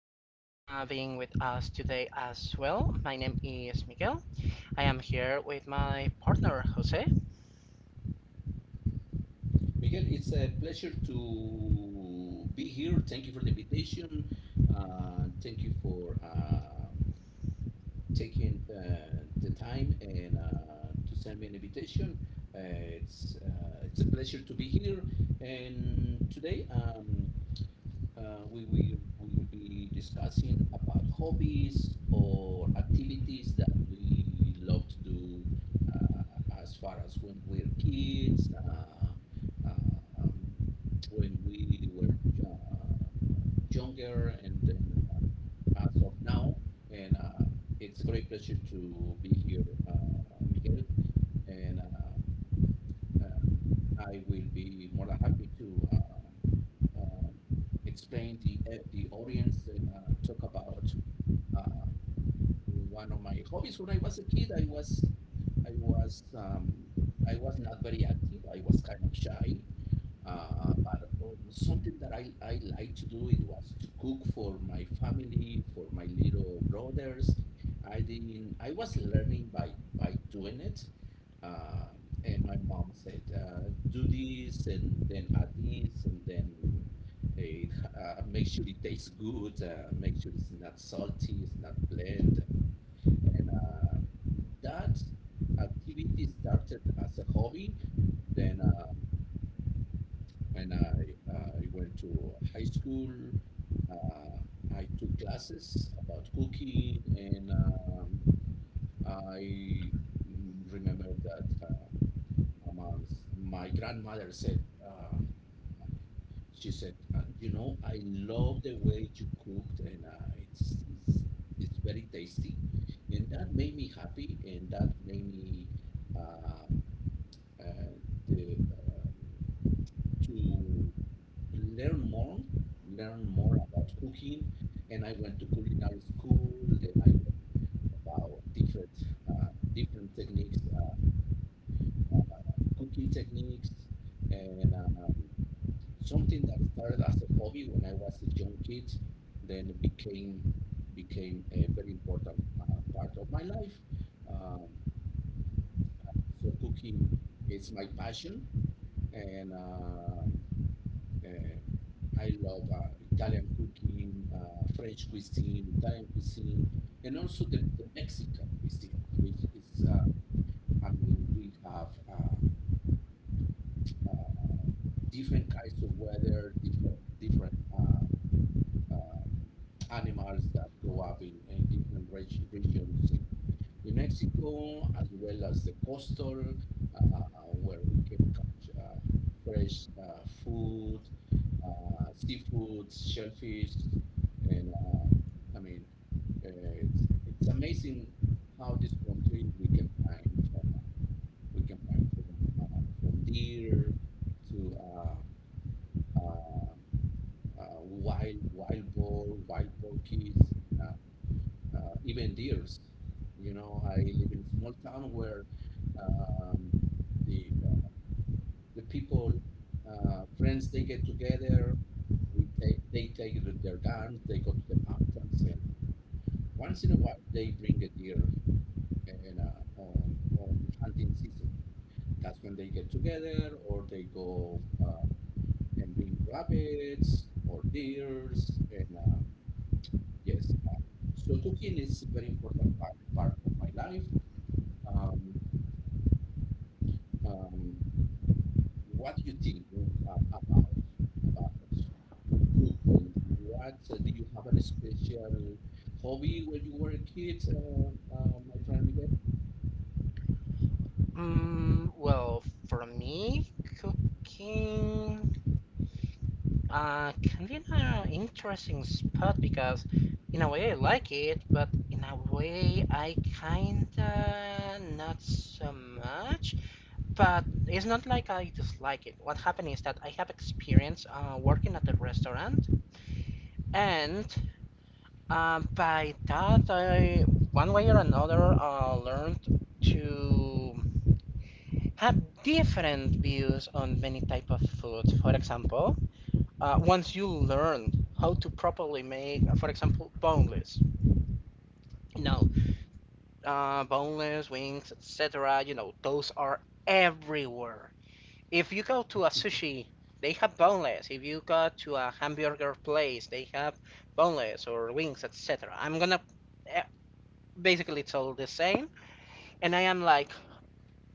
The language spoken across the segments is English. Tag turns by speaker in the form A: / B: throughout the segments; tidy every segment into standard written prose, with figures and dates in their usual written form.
A: you very much for being with us today as well. My name is Miguel. I am here with my partner Jose.
B: Miguel, it's a pleasure to be here. Thank you for the invitation. Thank you for taking the time and to send me an invitation. It's a pleasure to be here. And today, we will be discussing about hobbies or activities that we love to do as far as when we're kids, um, when we were uh, younger, and then as of now. And it's a great pleasure to be here, Miguel. And um, I will be more than happy to explain the audience and talk about um, one of my hobbies. When I was a kid, I was um, I was not very active. I was kind of shy. But something that I like to do it was to cook for my family, for my little brothers. I didn't. I was learning by doing it, uh, and my mom said, "Do this, and then add this, and then make sure it tastes good. Make sure it's not salty, it's not bland." And that activity started as a hobby. Then when I went to high school. Uh, I took classes about cooking, and I remember that my my grandmother said, she said, you know, I love the way you cooked, and it's very tasty, and that made me happy, and that made me um, uh, the to learn more, learn more about cooking. And I went to culinary school. Then I learned about different different techniques, uh, cooking techniques, and something that started as a hobby when I was a young kid, then became became a very important part of my life. Um, so cooking is my passion, and Um, I love Italian cooking, French cuisine, Italian cuisine, and also the Mexican cuisine, which is, I mean, we have uh, different kinds of weather, different um, animals that grow up in different regions in Mexico, as well as the coastal, uh, where we can catch fresh food, seafood, shellfish, and I mean, uh, it's amazing how this country we can find from from deer to uh, wild wild boar, wild porkies, and, even deers. You know, I live in a small town where um, the uh, the people, friends, they get together. We take They take their guns. They go to the mountains, and once in a while they bring a deer. And on hunting season, that's when they get together, or they go and bring rabbits or deers. And yes, so cooking is a very important part of my life. um, um, what do you think uh, about about cooking? What, do you have an special hobby when you were a kid, my friend Miguel?
A: Mm, well, for me, cooking can be an interesting spot because, in a way, I like it, but in a way, I kinda not so much. But it's not like I dislike it. What happened is that I have experience working at the restaurant and by that, one way or another, learned to have different views on many type of foods. For example, once you learn how to properly make, for example, you know, boneless wings, etc. You know, those are everywhere. If you go to a sushi, they have boneless. If you go to a hamburger place, they have boneless or wings, etc. I'm gonna uh, Basically it's all the same. And I am like,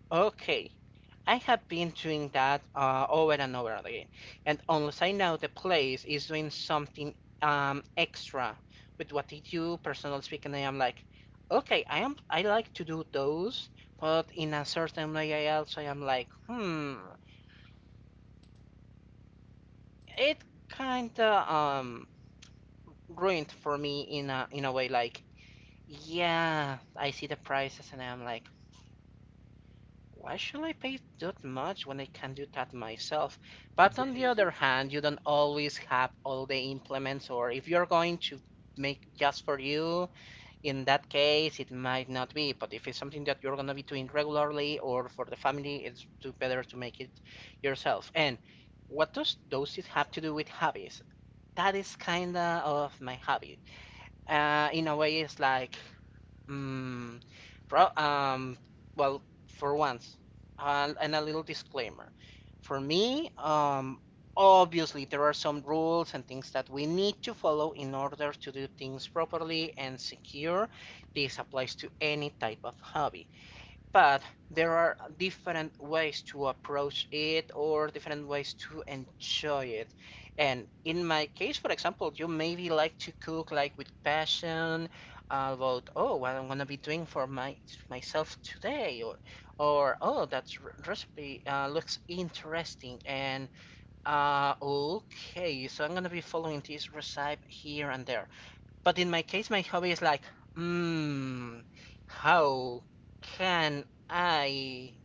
A: okay, I have been doing that over and over again. And unless I know the place is doing something extra with what they do, personally speaking, I am like, okay, I like to do those, but in a certain way, I also am like, hmm, it kind of ruined for me in a way like, yeah, I see the prices and I'm like, why should I pay that much when I can do that myself? But
B: There
A: on the
B: is
A: other
B: you
A: hand, you don't always have all the implements, or if you're going to make just for you, in that case, it might not be. But if it's something that you're going to be doing regularly or for the family, it's better to make it yourself. And what does those have to do with hobbies? That is kind of my hobby. In a way, it's like mm, pro well, for once, and a little disclaimer. For me, obviously there are some rules and things that we need to follow in order to do things properly and secure. This applies to any type of hobby. But there are different ways to approach it or different ways to enjoy it. And in my case, for example, you maybe like to cook like with passion about, oh, what I'm gonna be doing for my myself today, or oh, that recipe looks interesting, and okay, so I'm gonna be following this recipe here and there. But in my case my hobby is like, mmm, how can I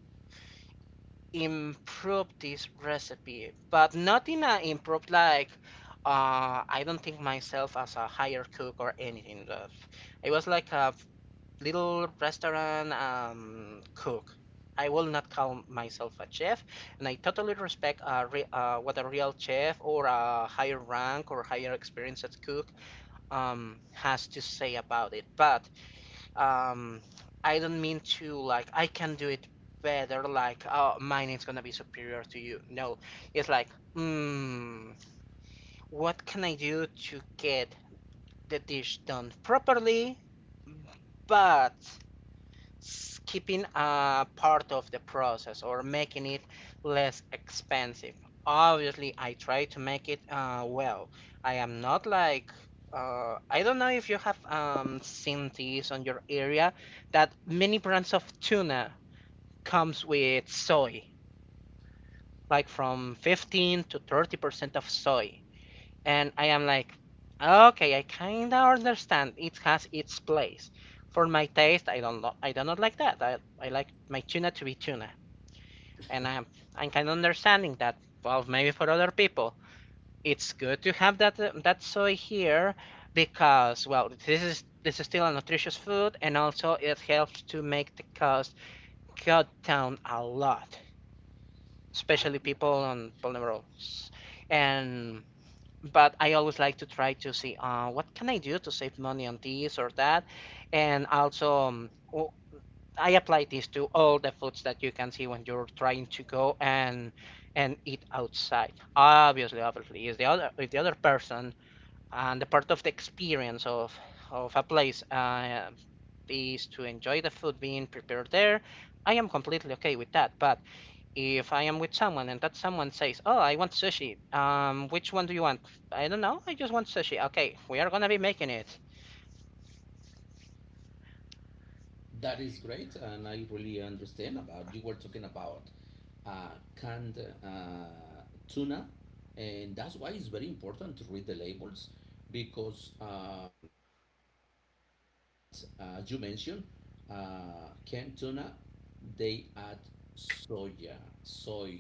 A: improve this recipe? But not in a improve like I don't think myself as a higher cook or anything. I was like a little restaurant cook. I will not call myself a chef, and I totally respect a re what a real chef or a higher rank or higher experience as cook has to say about it, but um I don't mean to like I can do it better, like oh mine is gonna be superior to you. No, it's like mm, what can I do to get the dish done properly, but skipping a part of the process or making it less expensive. Obviously, I try to make it well. I am not like I don't know if you have seen these on your area that many brands of tuna comes with soy, like from 15 to 30% of soy. And I am like, okay, I kinda understand. It has its place. For my taste, I don't know, I do not like that. I like my tuna to be tuna. And I'm kinda understanding that. Well, maybe for other people, it's good to have that that soy here because well, this is still a nutritious food, and also it helps to make the cost cut down a lot,
B: I
A: especially
B: you.
A: people on polymerals. And but I always like to try to see what can I do to save money on this or that, and also I apply this to all the foods that you can see when you're trying to go and eat outside. Obviously, is the other person and the part of the experience of a place is to enjoy the food being prepared there. I am completely okay with that, but if I am with someone and that someone says, "Oh, I want sushi. Which one do you want?" I don't know. I just want sushi. Okay, we are gonna be making it.
B: That is great, and I really understand about. You were talking about uh, canned tuna, and that's why it's very important to read the labels because I noticed that you mentioned canned tuna, they add soya, soy,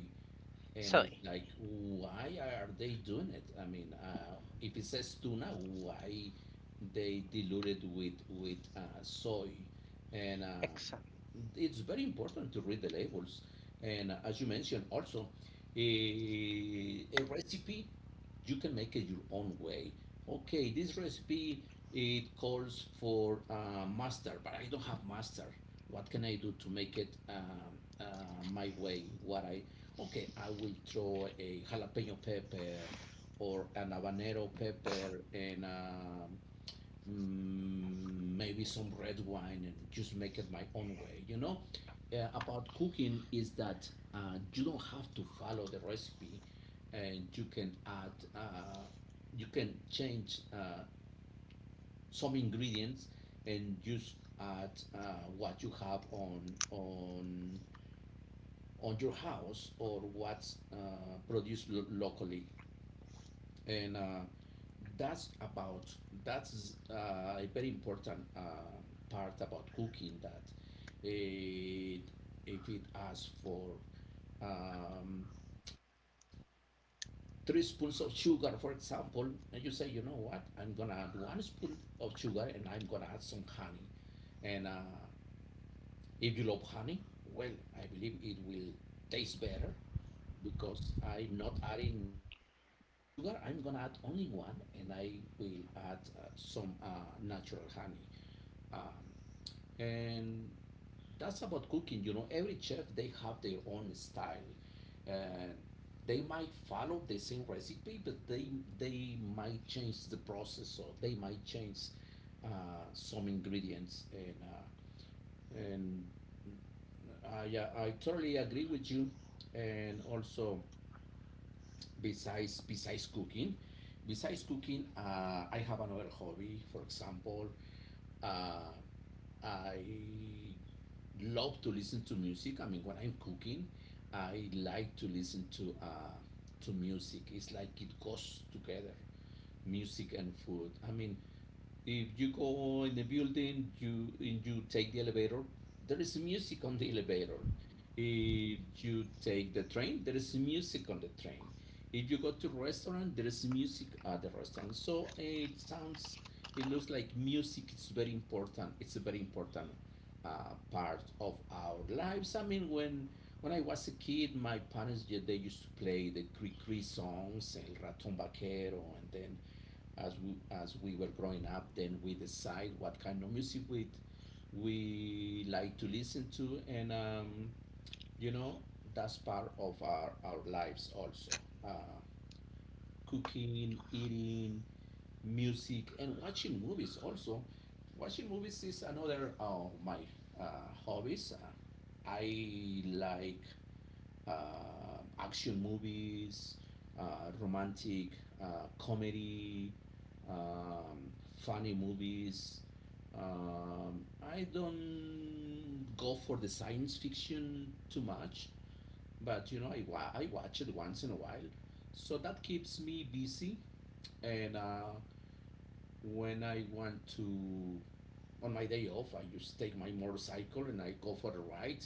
B: and
A: So,
B: it's like, why are they doing it? I mean, if it says tuna, why they dilute it with soy? And
A: excellent.
B: It's very important to read the labels. And as you mentioned, also a recipe you can make it your own way. Okay, this recipe it calls for mustard, but I don't have mustard. What can I do to make it my way? What I Okay, I will throw a jalapeno pepper or an habanero pepper and maybe some red wine and just make it my own way. You know, about cooking is that you don't have to follow the recipe, and you can add, you can change some ingredients and just add what you have on your house or what's produced locally. And that's about, that's a very important part about cooking that it, if it asks for um, three spoons of sugar, for example, and you say, you know what, I'm gonna add one spoon of sugar and I'm gonna add some honey. And if you love honey, well, I believe it will taste better because I'm not adding three spoons of sugar. I'm gonna add only one, and I will add some natural honey. Um, and that's about cooking. You know, every chef they have their own style. Uh, they might follow the same recipe, but they might change the process or they might change some ingredients. And I totally agree with you. And also besides besides cooking besides cooking I have another hobby. For example, uh, I love to listen to music. I mean, when I'm cooking, I like to listen to music. It's like it goes together, music and food. I mean, if you go in the building, you take the elevator, there is music on the elevator. If you take the train, there is music on the train. If you go to restaurant, there is music at the restaurant. So it looks like music is very important. It's very important part of our lives. I mean, when I was a kid, my parents, yeah, they used to play the Cricri songs, El Ratón Vaquero, and then as we were growing up, then we decide what kind of music we like to listen to, and you know, that's part of our lives also. Uh, Cooking, eating, music, and watching movies also. Watching movies is another of my hobbies. I like action movies, romantic, comedy, um, funny movies. I don't go for the science fiction too much, but you know, I, I watch it once in a while, so that keeps me busy. And when I want to, on my day off, I just take my motorcycle and I go for a ride.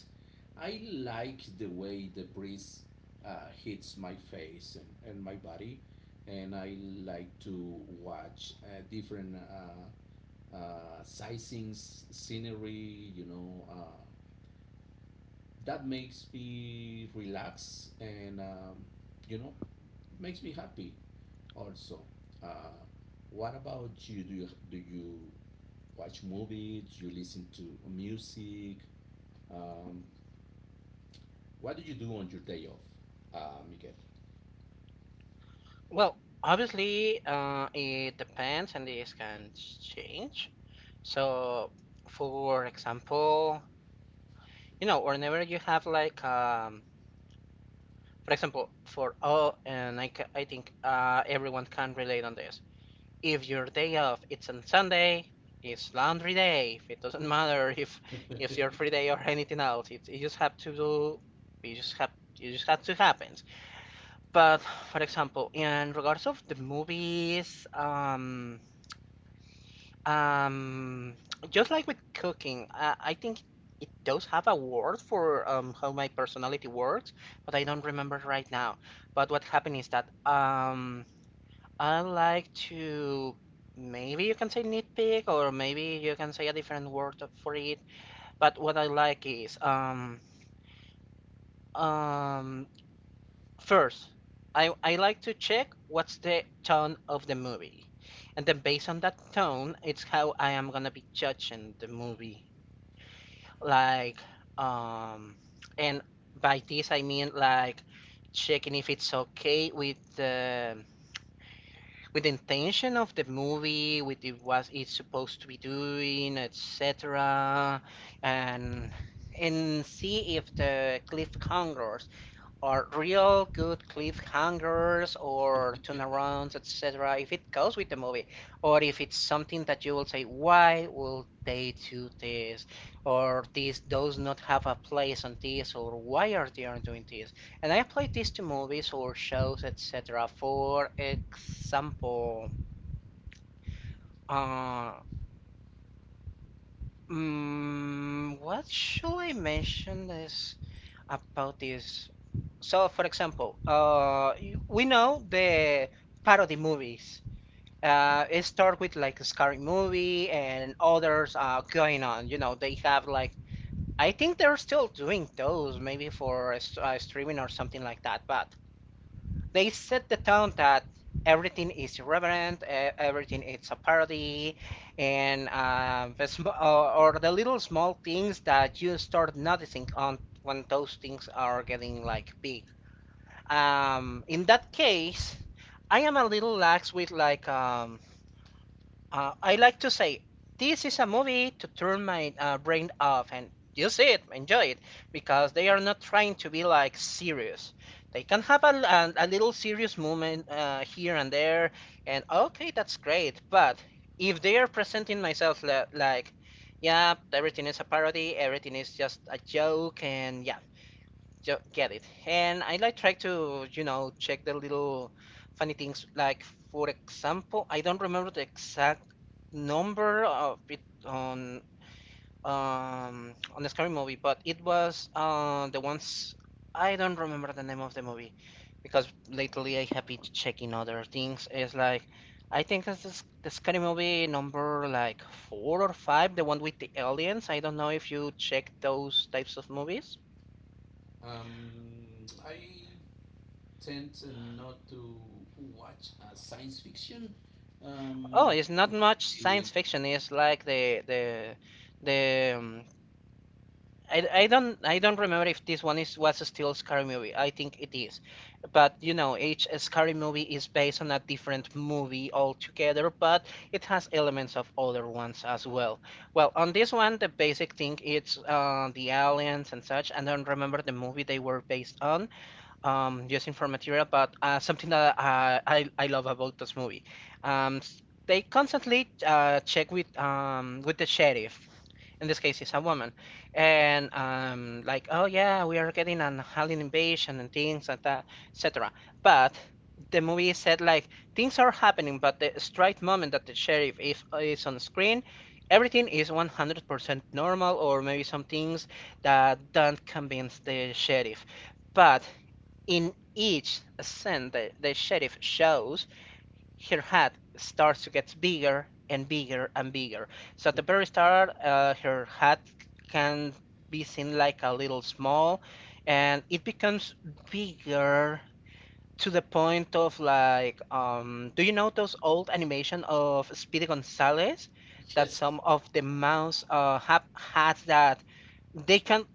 B: I like the way the breeze hits my face and my body, and I like to watch different sightseeings, scenery, you know. That makes me relax and, you know, makes me happy also. Uh, what about you? Do you watch movies, you listen to music. Um, what do you do on your day off, Miguel?
A: Well, obviously, it depends and this can change. So, for example, you know, whenever you have like, for example, for all, and I, ca- I think everyone can relate on this. If your day off it's on Sunday, it's laundry day. It doesn't matter if it's your free day or anything else. You just have to do. You just have. It just have to happen. But for example, in regards of the movies, um, just like with cooking, I think it does have a word for how my personality works, but I don't remember right now. But what happened is that I like to maybe you can say nitpick or maybe you can say a different word for it. But what I like is um first I like to check what's the tone of the movie. And then based on that tone, it's how I am gonna be judging the movie. Like um and by this I mean like checking if it's okay with the intention of the movie, with the, what it's supposed to be doing, etc., and see if the cliffhangers or real good cliffhangers or turnarounds, etc. If it goes with the movie, or if it's something that you will say, why will they do this, or this does not have a place on this, or why are they are doing this? And I apply this to movies or shows, etc. For example, uh, what should I mention this about this? So, for example, we know the parody movies. It start with like a Scary Movie and others going on. You know, they have like I think they're still doing those maybe for a streaming or something like that. But they set the tone that everything is irreverent, everything is a parody, and or the little small things that you start noticing on when those things are getting like big in that case, I am a little lax with like I like to say this is a movie to turn my brain off and use it, enjoy it, because they are not trying to be like serious. They can have a little serious moment here and there, and okay, that's great. But if they are presenting myself like, yeah, everything is a parody, everything is just a joke, and yeah, get it. And I like try to, you know, check the little funny things. Like for example, I don't remember the exact number of it on the Scary Movie, but it was the ones I don't remember the name of the movie because lately I have been checking other things. It's like I think this is the Scary Movie number like four or five, the one with the aliens. I don't know if you check those types of movies.
B: I tend not to watch science fiction.
A: Oh,
B: Um,
A: it's not much science
B: Alien.
A: fiction. It's like the I, I don't remember if this one is was still Scary Movie. I think it is, but you know, each Scary Movie is based on a different movie altogether, but it has elements of other ones as well. Well, on this one, the basic thing it's the aliens and such. I don't remember the movie they were based on, using for material, but something that I love about this movie. They constantly check with the sheriff. In this case, it's a woman, and like, oh yeah, we are getting an alien invasion and things like that, etc. But the movie said like things are happening, but the straight moment that the sheriff is on screen, everything is 100% normal, or maybe some things that don't convince the sheriff. But in each ascent the sheriff shows, her hat starts to get bigger and bigger and bigger. So at the very start, her hat can be seen like a little small, and it becomes bigger to the point of like, do you know those old animation of Speedy Gonzales? That
B: Yes,
A: some of the mouse have hats that they can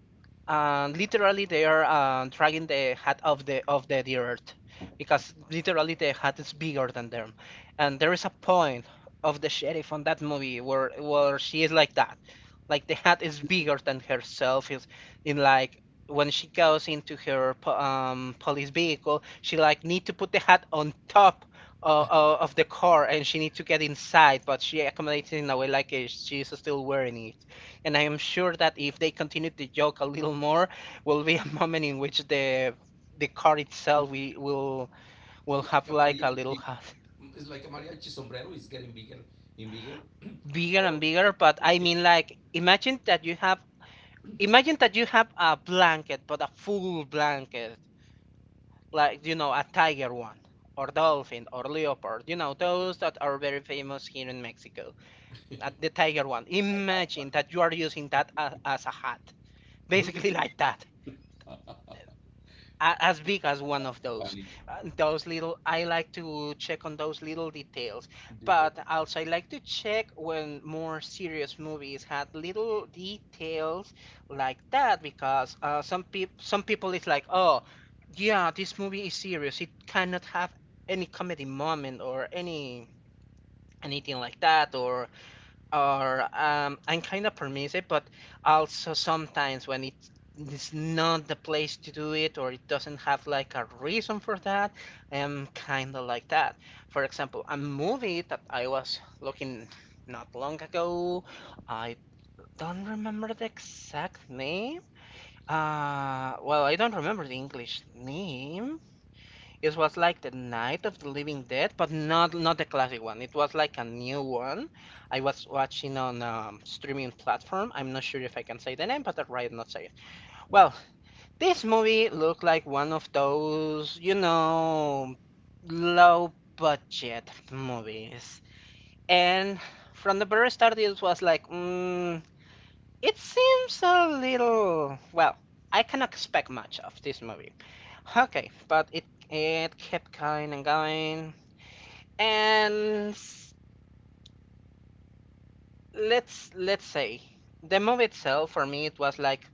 A: and literally they are dragging the hat of the earth because literally the hat is bigger than them, and there is a point of the sheriff on that movie where she is like that, like the hat is bigger than herself, is in like when she goes into her police vehicle, she like need to put the hat on top of the car, and she need to get inside, but she accommodates it in a way like she's still wearing it. And I am sure that if they continue to joke a little more, will be a moment in which the car itself we
B: it's
A: will
B: like
A: have
B: a
A: like a little
B: mariachi.
A: hut.
B: It's like a mariachi sombrero is getting bigger and bigger.
A: Bigger
B: Or
A: and bigger. But I mean, like, imagine that you have a blanket, but a full blanket, like, you know, a tiger one, or dolphin, or leopard. You know those that are very famous here in Mexico.
B: I
A: At the tiger one.
B: have one.
A: Imagine that you are using that as a hat, basically
B: Really,
A: like that. As big as one
B: that's
A: of those.
B: funny.
A: Those little, I like to check on those little details,
B: Did it?
A: but also I like to check when more serious movies had little details like that, because some people, it's like, oh, yeah, this movie is serious. It cannot have any comedy moment or any anything like that, or I'm kind of permissive, but also sometimes when it's not the place to do it, or it doesn't have like a reason for that, I'm kind of like that. For example, a movie that I was looking not long ago, I don't remember the exact name. I don't remember the English name. It was like the Night of the Living Dead, but not the classic one. It was like a new one. I was watching on a streaming platform. I'm not sure if I can say the name, but I'd rather not say it. Well, this movie looked like one of those, you know, low budget movies. And from the very start, it was like, mm, it seems a little, well, I cannot expect much of this movie. Okay, but it kept going and going, and s- let's say the movie itself for me it was like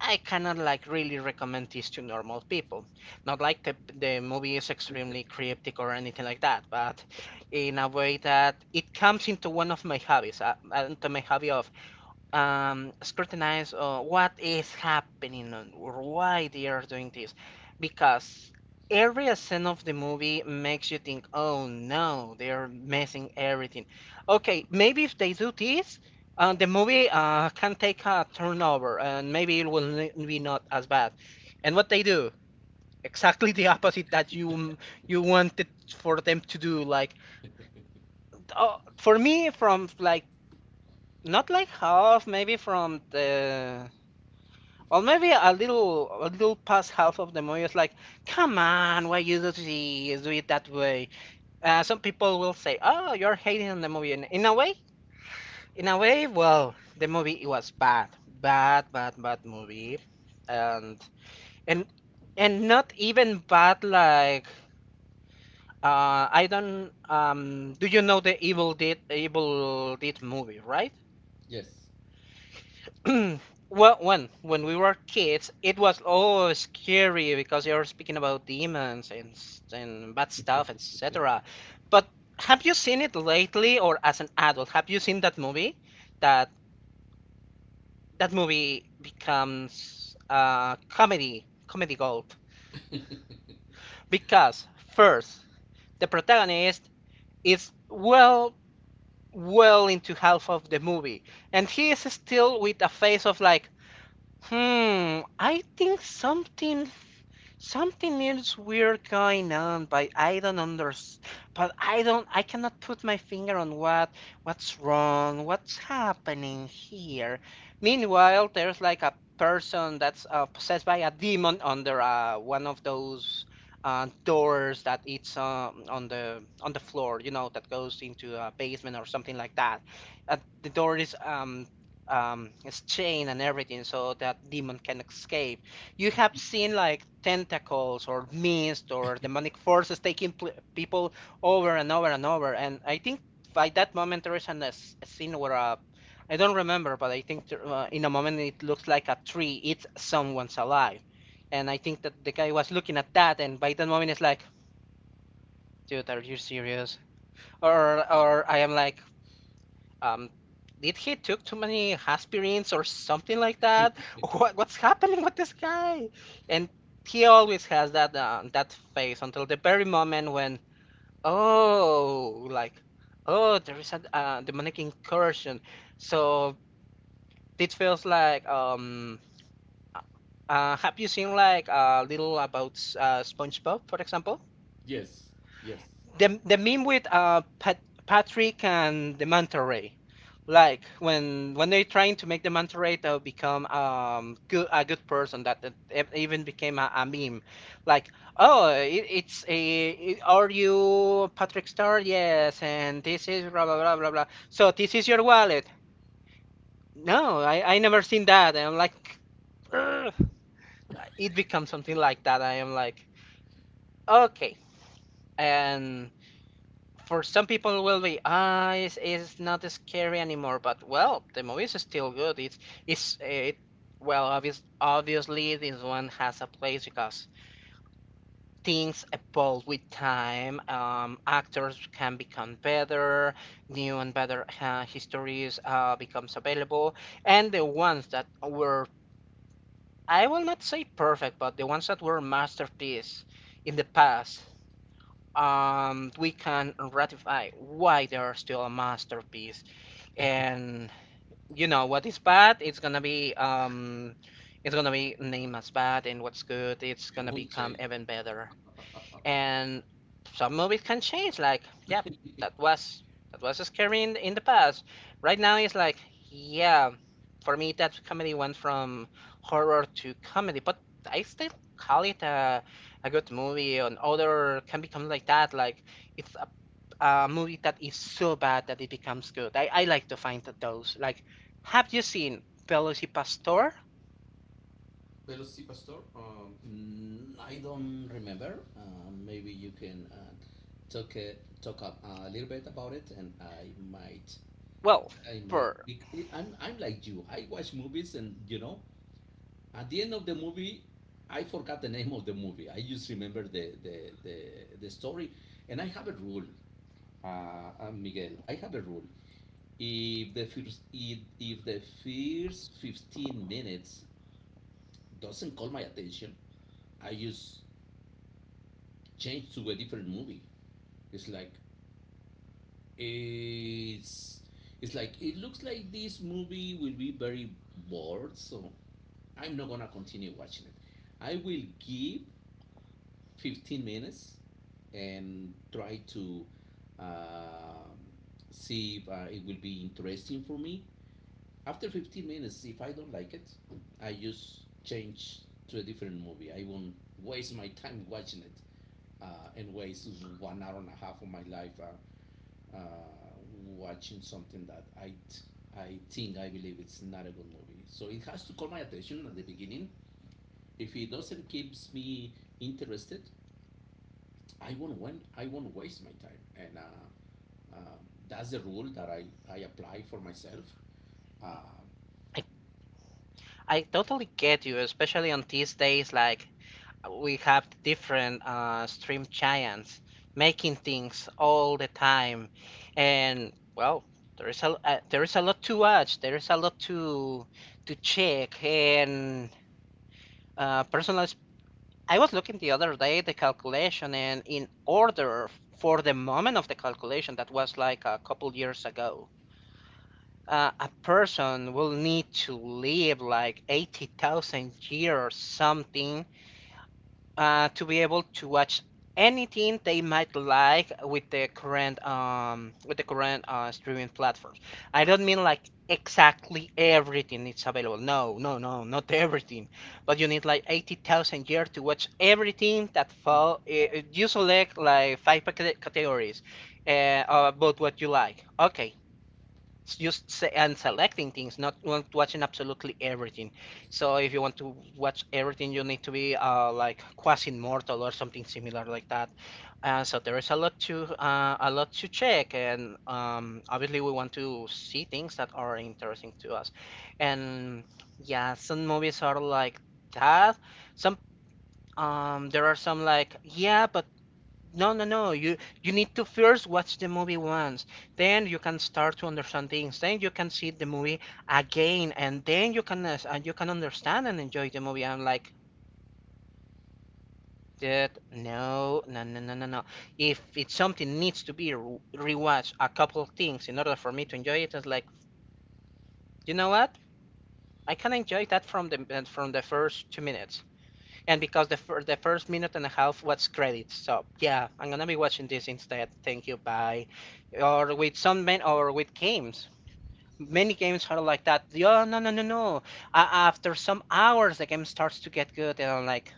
A: I cannot like really recommend this to normal people. Not like the movie is extremely cryptic or anything like that, but in a way that it comes into one of my hobbies, into my hobby of scrutinize what is happening and why they are doing this, because every scene of the movie makes you think, oh no, they are messing everything. Okay, maybe if they do this, the movie can take a turnover and maybe it will be not as bad. And what they do, exactly the opposite that you wanted for them to do. Like, for me, from like, not like half, maybe from the, well, maybe a little past half of the movie is like, come on, why you do this, do it that way. Some people will say, oh, you're hating on the movie. And in a way, well, the movie it was bad, bad, bad, bad movie, and and and not even bad like. I don't. Do you know the Evil Dead movie, right?
B: Yes.
A: Well, when we were kids, it was always scary because you're speaking about demons and bad stuff, etc. But have you seen it lately, or as an adult? Have you seen that movie? That that movie becomes comedy, comedy gold. Because first, the protagonist is well, well into half of the movie, and he is still with a face of like, hmm, I think something, something is weird going on, but I don't understand. But I don't, I cannot put my finger on what's wrong, what's happening here. Meanwhile, there's like a person that's possessed by a demon under one of those doors that it's on the floor, you know, that goes into a basement or something like that. Uh, the door is his chain and everything so that demon can escape. You have seen like tentacles or mist or demonic forces taking people over and over and over. And I think by that moment there is a scene where I don't remember, but I think there, in a moment it looks like a tree eats someone's alive. And I think that the guy was looking at that, and by that moment it's like, dude, are you serious? Or I am like, um, did he took too many aspirins or something like that? What, what's happening with this guy? And he always has that that face until the very moment when, oh, like, oh, there is a demonic incursion. So it feels like, have you seen like a little about SpongeBob, for example?
B: Yes, yes.
A: The meme with Patrick and the manta ray, like when they're trying to make the manta ray to become good a good person, that it even became a meme, like, oh it, are you Patrick Star? Yes, and this is blah blah blah blah blah. So this is your wallet. No, I, never seen that. And I'm like, "Ugh." It becomes something like that. I am like, okay, and for some people will be, ah, it's not scary anymore, but well, the movie is still good, it's it well, obviously this one has a place, because things evolve with time. Actors can become better, new and better histories becomes available, and the ones that were, I will not say perfect, but the ones that were masterpiece in the past, we can ratify why they are still a masterpiece. And you know what is bad, it's gonna be named as bad, and what's good, it's
B: It
A: gonna
B: won't change.
A: become even better. And some movies can change. Like, yep, that was, scary in the past. Right now, it's like, yeah, for me, that comedy went from horror to comedy, but I still call it a good movie. And other can become like that. Like, it's a movie that is so bad that it becomes good. I like to find that those. Like, have you seen Pelosi Pastor?
B: Velocity Pastor? Mm, I don't remember. Maybe you can talk uh, talk up a little bit about it, and
A: Well,
B: I might
A: for
B: be, I'm like you. I watch movies, and you know, at the end of the movie, I forgot the name of the movie. I just remember the story, and I have a rule. Miguel, I have a rule. If the first 15 minutes doesn't call my attention, I just change to a different movie. it's like it's it's like it looks like this movie will be very bored, so I'm not gonna continue watching it. I will give 15 minutes and try to, um, see if it will be interesting for me. After 15 minutes, if I don't like it, I just change to a different movie. I won't waste my time watching it, and waste 1 hour and a half of my life watching something that I believe it's not a good movie. So it has to call my attention at the beginning. If it doesn't keeps me interested, I won't waste my time, and um, that's the rule that I apply for myself. uh,
A: I, I totally get you, especially on these days, like we have different stream giants making things all the time, and well, there is a lot to watch. There is a lot to check, and personal. I was looking the other day the calculation, and in order for the moment of the calculation that was like a couple years ago. A person will need to live like 80,000 years something to be able to watch anything they might like with the current, with the current streaming platforms. I don't mean like exactly everything is available. No, no, no, not everything. But you need like 80,000 years to watch everything that fall. You select like five categories about what you like. Okay, just se- and selecting things, not want watching absolutely everything.
B: Yes.
A: So if you want to watch everything, you need to be like quasi immortal or something similar like that. So there is a lot to, a lot to check, and obviously we want to see things that are interesting to us. And yeah, some movies are like that. Some, there are some like, yeah, but no, no, no. You, need to first watch the movie once. Then you can start to understand things. Then you can see the movie again, and then you can and you can understand and enjoy the movie. I'm like, dude, no, no, no, no, no, no. If it's something needs to be rewatched, a couple of things in order for me to enjoy it, it's like, you know what? I can enjoy that from the first 2 minutes. And because the the first minute and a half was credits, so yeah, I'm gonna be watching this instead. Thank you, bye. Or with some men, or with games. Many games are like that. Yeah, no, no, no, no. A after some hours, the game starts to get good, and I'm like,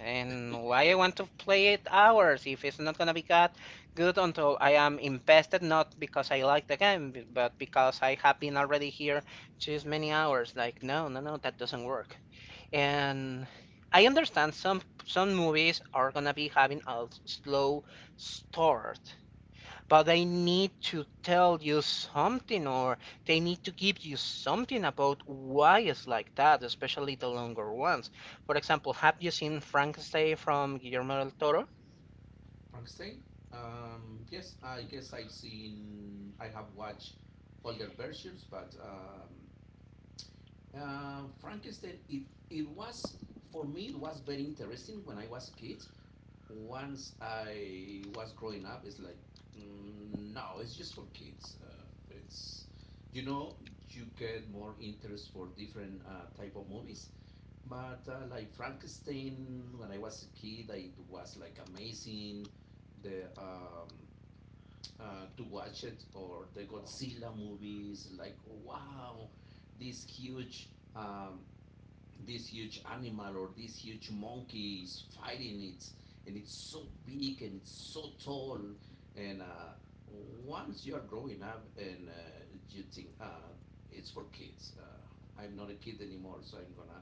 A: and why I want to play it hours if it's not gonna be got good until I am invested, not because I like the game, but because I have been already here just many hours. Like, no, no, no, that doesn't work. And I understand some movies are gonna be having a slow start, but they need to tell you something or they need to give you something about why it's like that, especially the longer ones. For example, have you seen Frankenstein from Guillermo del Toro?
B: Frankenstein. Yes, I guess I've seen, I have watched older versions, but Frankenstein, it was, for me, it was very interesting when I was a kid. Once I was growing up, it's like, mm, no, it's just for kids. It's, you know, you get more interest for different type of movies. But like Frankenstein, when I was a kid, it was like amazing the to watch it, or the Godzilla movies like, wow, this huge um, this huge animal or this huge monkey is fighting it, and it's so big and it's so tall. And once you are growing up and you think it's for kids. I'm not a kid anymore, so I'm gonna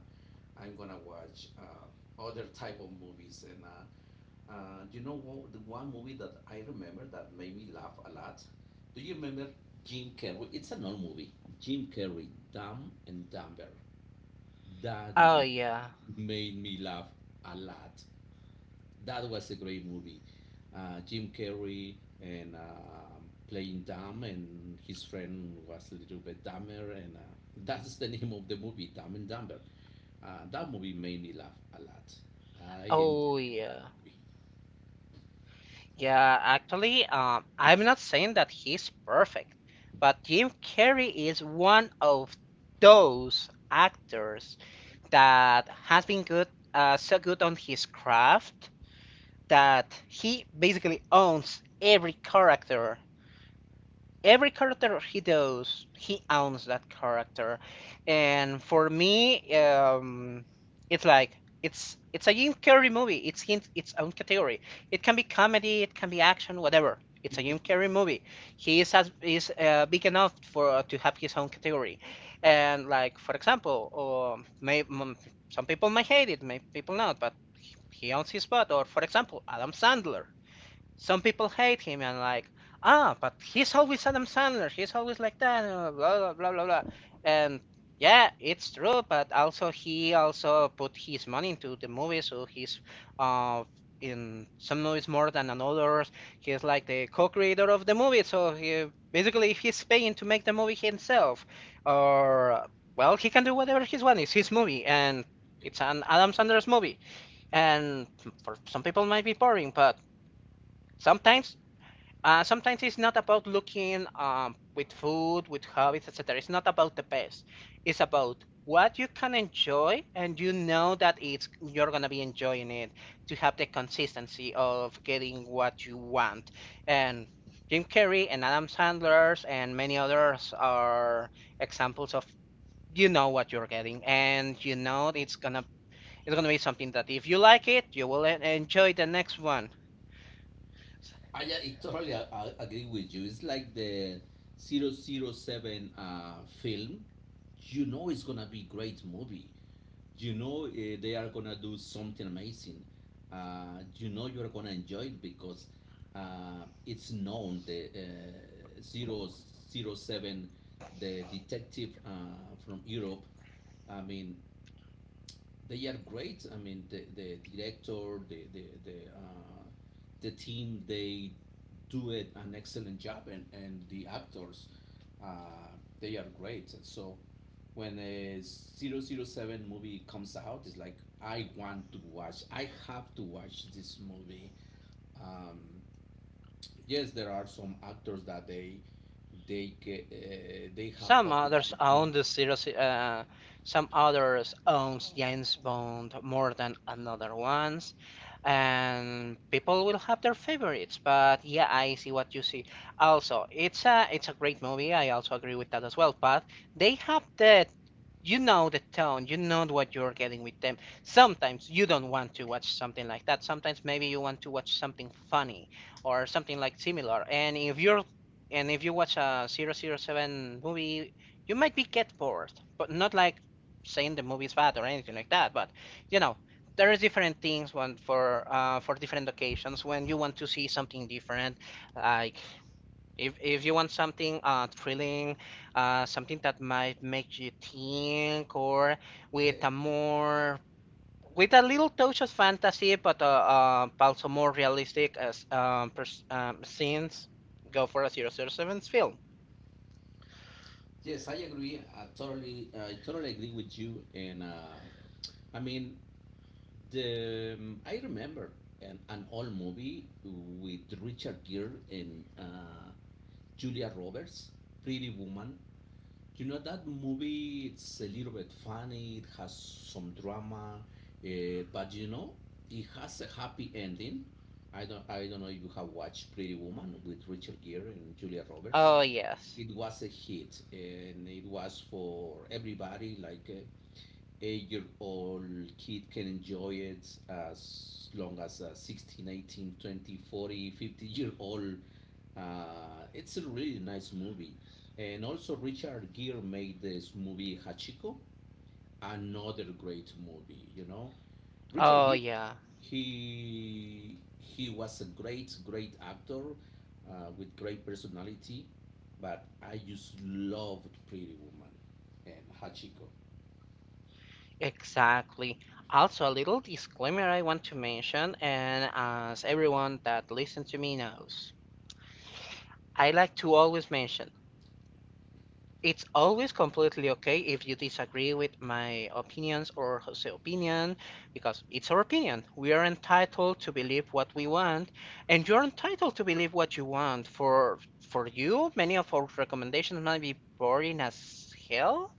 B: I'm gonna watch other type of movies and you know The one movie that I remember that made me laugh a lot. Do you remember Jim Carrey? It's an old movie. Jim Carrey, Dumb and Dumber. That
A: Oh
B: movie
A: yeah.
B: made me laugh a lot. That was a great movie. Jim Carrey and playing dumb, and his friend was a little bit dumber, and that's the name of the movie, Dumb and Dumber. That movie made me laugh a lot. I
A: Oh
B: enjoyed that
A: yeah.
B: movie.
A: Yeah, actually, I'm not saying that he's perfect, but Jim Carrey is one of those actors that has been good, so good on his craft that he basically owns every character he does, he owns that character. And for me, it's like it's a Jim Carrey movie. It's in its own category. It can be comedy, it can be action, whatever. It's a Jim Carrey movie. He is as is big enough for to have his own category. And like for example, or may, some people may hate it, may people not, but he owns his spot. Or for example, Adam Sandler some people hate him and like, ah, but he's always Adam Sandler. He's always like that. Blah blah blah blah blah. And yeah, it's true. But also, he also put his money into the movie, so he's uh in some movies more than another. He's like the co-creator of the movie, so he basically he's paying to make the movie himself, or well, he can do whatever he wants. It's his movie, and it's an Adam Sandler's movie. And for some people, it might be boring, but sometimes sometimes it's not about looking with food, with hobbies, etc. It's not about the best. It's about what you can enjoy, and you know that it's you're gonna be enjoying it to have the consistency of getting what you want. And Jim Carrey and Adam Sandler's and many others are examples of you know what you're getting, and you know it's gonna be something that if you like it, you will enjoy the next one.
B: I totally I agree with you. It's like the 007 film. You know it's gonna be great movie. You know, they are gonna do something amazing. You know you're gonna enjoy it, because it's known, the zero zero 007, the detective from Europe. I mean, they are great. I mean, the director, the team, they do it an excellent job, and the actors, uh, they are great. And so, when a 007 movie comes out, it's like, I want to watch. I have to watch this movie. Um, yes, there are some actors that they have
A: Some others own
B: popularity.
A: the series. Some others owns James Bond more than another ones, and people will have their favorites. But yeah, I see what you see. Also, it's a great movie. I also agree with that as well. But they have the you know the tone, you know what you're getting with them. Sometimes you don't want to watch something like that. Sometimes maybe you want to watch something funny or something like similar. And if you watch a zero zero 007 movie, you might be get bored, but not like saying the movie is bad or anything like that. But you know, there is different things when for different occasions when you want to see something different. Like if you want something thrilling, something that might make you think, or with a more with a little touch of fantasy, but also more realistic as scenes, go for a zero zero 007 film.
B: Yes, I agree. I totally agree with you. And I mean, the I remember an old movie with Richard Gere and Julia Roberts, Pretty Woman. You know that movie? It's a little bit funny. It has some drama, but it has a happy ending. I don't know if you have watched Pretty Woman with Richard Gere and Julia Roberts.
A: Oh, yes.
B: It was a hit, and it was for everybody. Like, a 8-year old kid can enjoy it as long as a 16, year old. It's a really nice movie, and also Richard Gere made this movie, Hachiko, another great movie. You know, Richard
A: Oh,
B: Gere,
A: yeah.
B: he was a great, great actor with great personality. But I just loved Pretty Woman and Hachiko.
A: Exactly. Also, a little disclaimer I want to mention, and as everyone that listens to me knows, I like to always mention it's always completely okay if you disagree with my opinions or Jose's opinion, because it's our opinion. We are entitled to believe what we want, and you're entitled to believe what you want. For you, many of our recommendations might be boring as hell,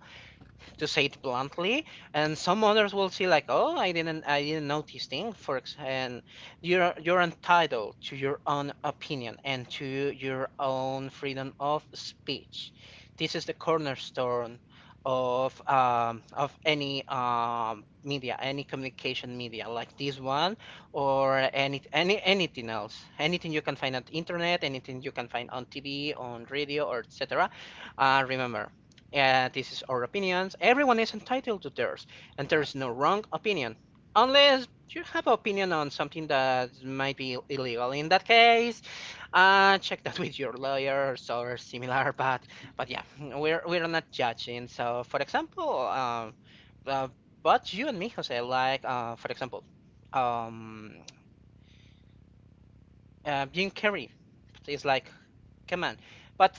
A: to say it bluntly, and some others will see like, oh, I didn't notice thing. For ex- and You're entitled to your own opinion and to your own freedom of speech. This is the cornerstone of any media, any communication media like this one or anything else, anything you can find on the internet, anything you can find on TV, on radio, or etc. Remember, this is our opinions. Everyone is entitled to theirs, and there
B: And
A: is no wrong opinion, unless you have an opinion on something that might be illegal. In that case, check that with your lawyers or similar. But yeah, we're not judging. So for example, uh, but you and me, Jose, like for example, um, Jim Carrey is like, come on. But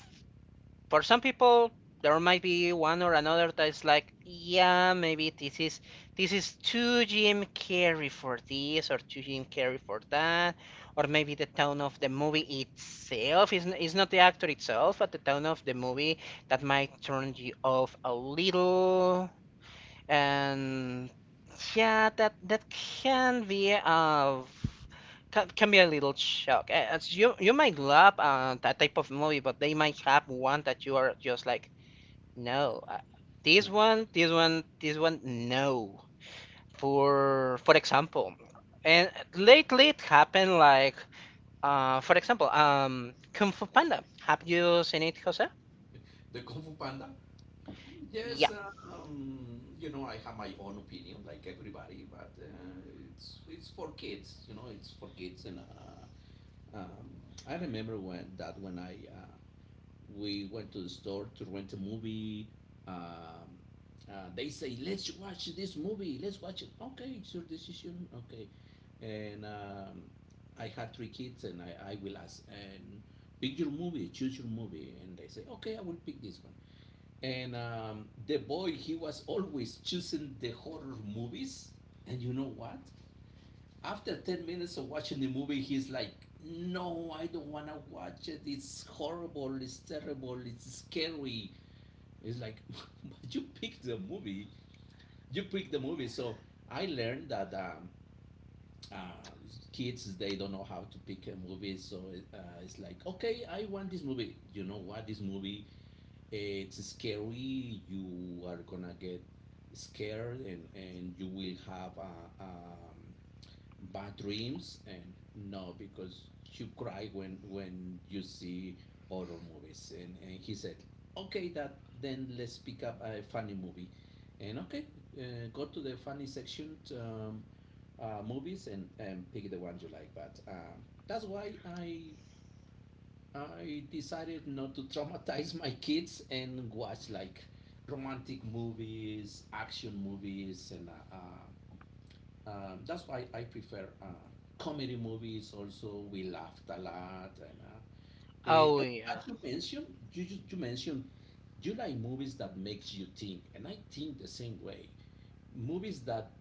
A: for some people, there might be one or another that is like, yeah, maybe this is too Jim Carrey for this or too Jim Carrey for that, or maybe the tone of the movie itself is not the actor itself, but the tone of the movie that might turn you off a little. And yeah, that can be can be a little shock. As you might love that type of movie, but they might have one that you are just like, no, this one, this one, no. For example, and lately it happened like, for example, Kung Fu Panda. Have you seen it, Jose?
B: the Kung Fu Panda
A: Yeah.
B: yes uh, you know, I have my own opinion like everybody. But it's for kids. It's for kids and um, I remember, when that when I we went to the store to rent a movie. Um, they say, let's watch this movie. Let's watch it. Okay, it's your decision. Okay. And I had three kids, and I will ask, and pick your movie, choose your movie. And they say, okay, I will pick this one. And the boy, he was always choosing the horror movies. And you know what? After 10 minutes of watching the movie, he's like, no, I don't want to watch it. It's horrible. It's terrible. It's scary. It's like, but you picked the movie. You picked the movie. So I learned that uh, kids, they don't know how to pick a movie. So it's like, okay, I want this movie. You know what? This movie, it's scary. You are going to get scared, and you will have a. Bad dreams. And no, because you cry when you see horror movies. And he said, okay, that then let's pick up a funny movie. And okay, go to the funny section, movies, and pick the ones you like. But that's why I decided not to traumatize my kids and watch like romantic movies, action movies and That's why I prefer comedy movies. Also, we laughed a lot, and eh,
A: Oh
B: as,
A: yeah.
B: as you mentioned, you mentioned you like movies that makes you think, and I think the same way. Movies that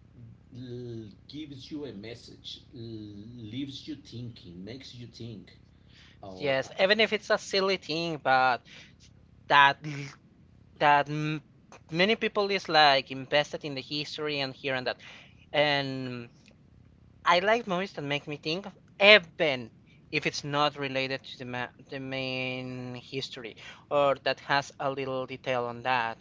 B: gives you a message, leaves you thinking, makes you think. Or.
A: Yes. Even if it's a silly thing, but that that m- many people is like invested in the history and here and that. And I like movies that make me think, even if it's not related to the ma the main history, or that has a little detail on that.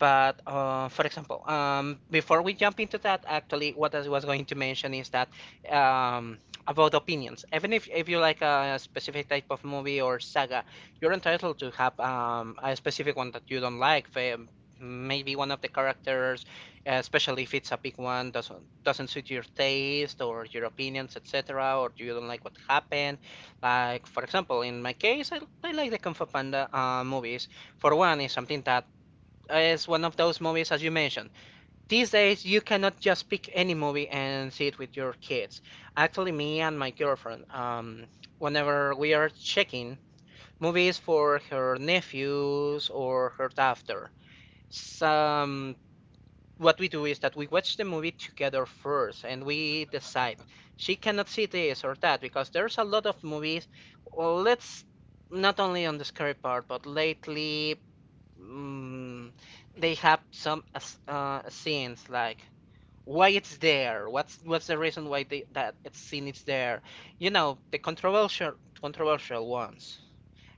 A: But for example, before we jump into that, actually, what I was going to mention is that um, about opinions. Even if you like a specific type of movie or saga, you're entitled to have a specific one that you don't like. Maybe one of the characters, especially if it's a big one, doesn't suit your taste or your opinions, etc., or you don't like what happened. Like for example, in my case, I like the Kung Fu Panda movies. For one, it's something that is one of those movies, as you mentioned. These days, you cannot just pick any movie and see it with your kids. Actually, me and my girlfriend, whenever we are checking movies for her nephews or her daughter, some what we do is that we watch the movie together first and we decide she cannot see this or that because there's a lot of movies. Well, let's not only on the scary part, but lately mm, they have some scenes like why it's there what's the reason why they that it's seen it's there, you know, the controversial ones.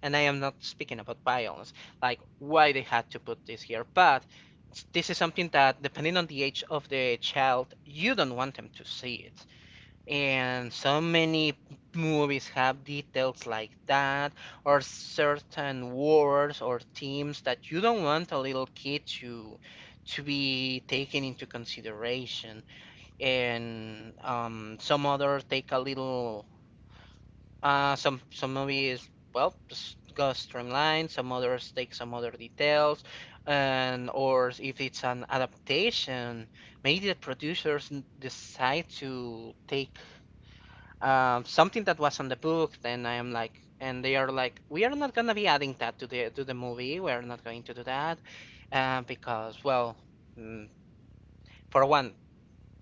A: And I am not speaking about violence, like why they had to put this here. But this is something that depending on the age of the child you don't want them to see it, and so many movies have details like that, or certain words or themes that you don't want a little kid to be taken into consideration. And some other take a little. Some movies well just go streamlined. Some others take some other details, and or if it's an adaptation, maybe the producers decide to take something that was on the book, then I am like, and they are like, we are not gonna be adding that to the movie. We are not going to do that because, well, mm, for one,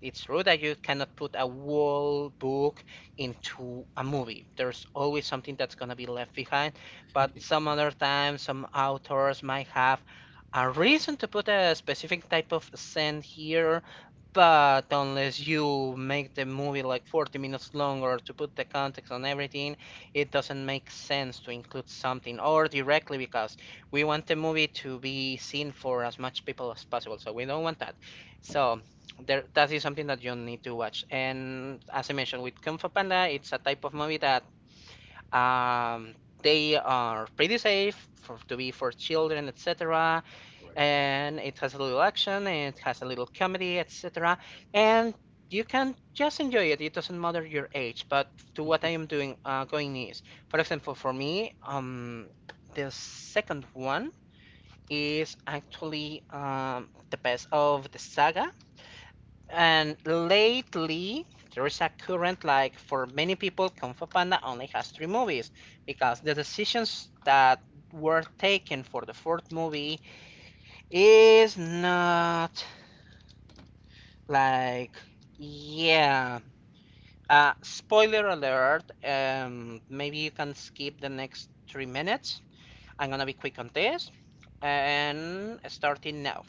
A: it's true that you cannot put a whole book into a movie. There's always something that's gonna be left behind, but some other times, some authors might have a reason to put a specific type of scene here, but unless you make the movie like 40 minutes longer to put the context on everything, it doesn't make sense to include something or directly because we want the movie to be seen for as much people as possible, so we don't want that. So there that is something that you need to watch, and as I mentioned with Kung Fu Panda, it's a type of movie that um, they are pretty safe for to be for children, etc.,
B: Right.
A: and it has a little action, it has a little comedy, etc. And you can just enjoy it, it doesn't matter your age. But to what I am doing going is for example for me, the second one is actually the best of the saga. And lately, there is a current like for many people, Kung Fu Panda only has three movies because the decisions that were taken for the fourth movie is not like, yeah. Spoiler alert, maybe you can skip the next 3 minutes. I'm gonna be quick on this and starting now.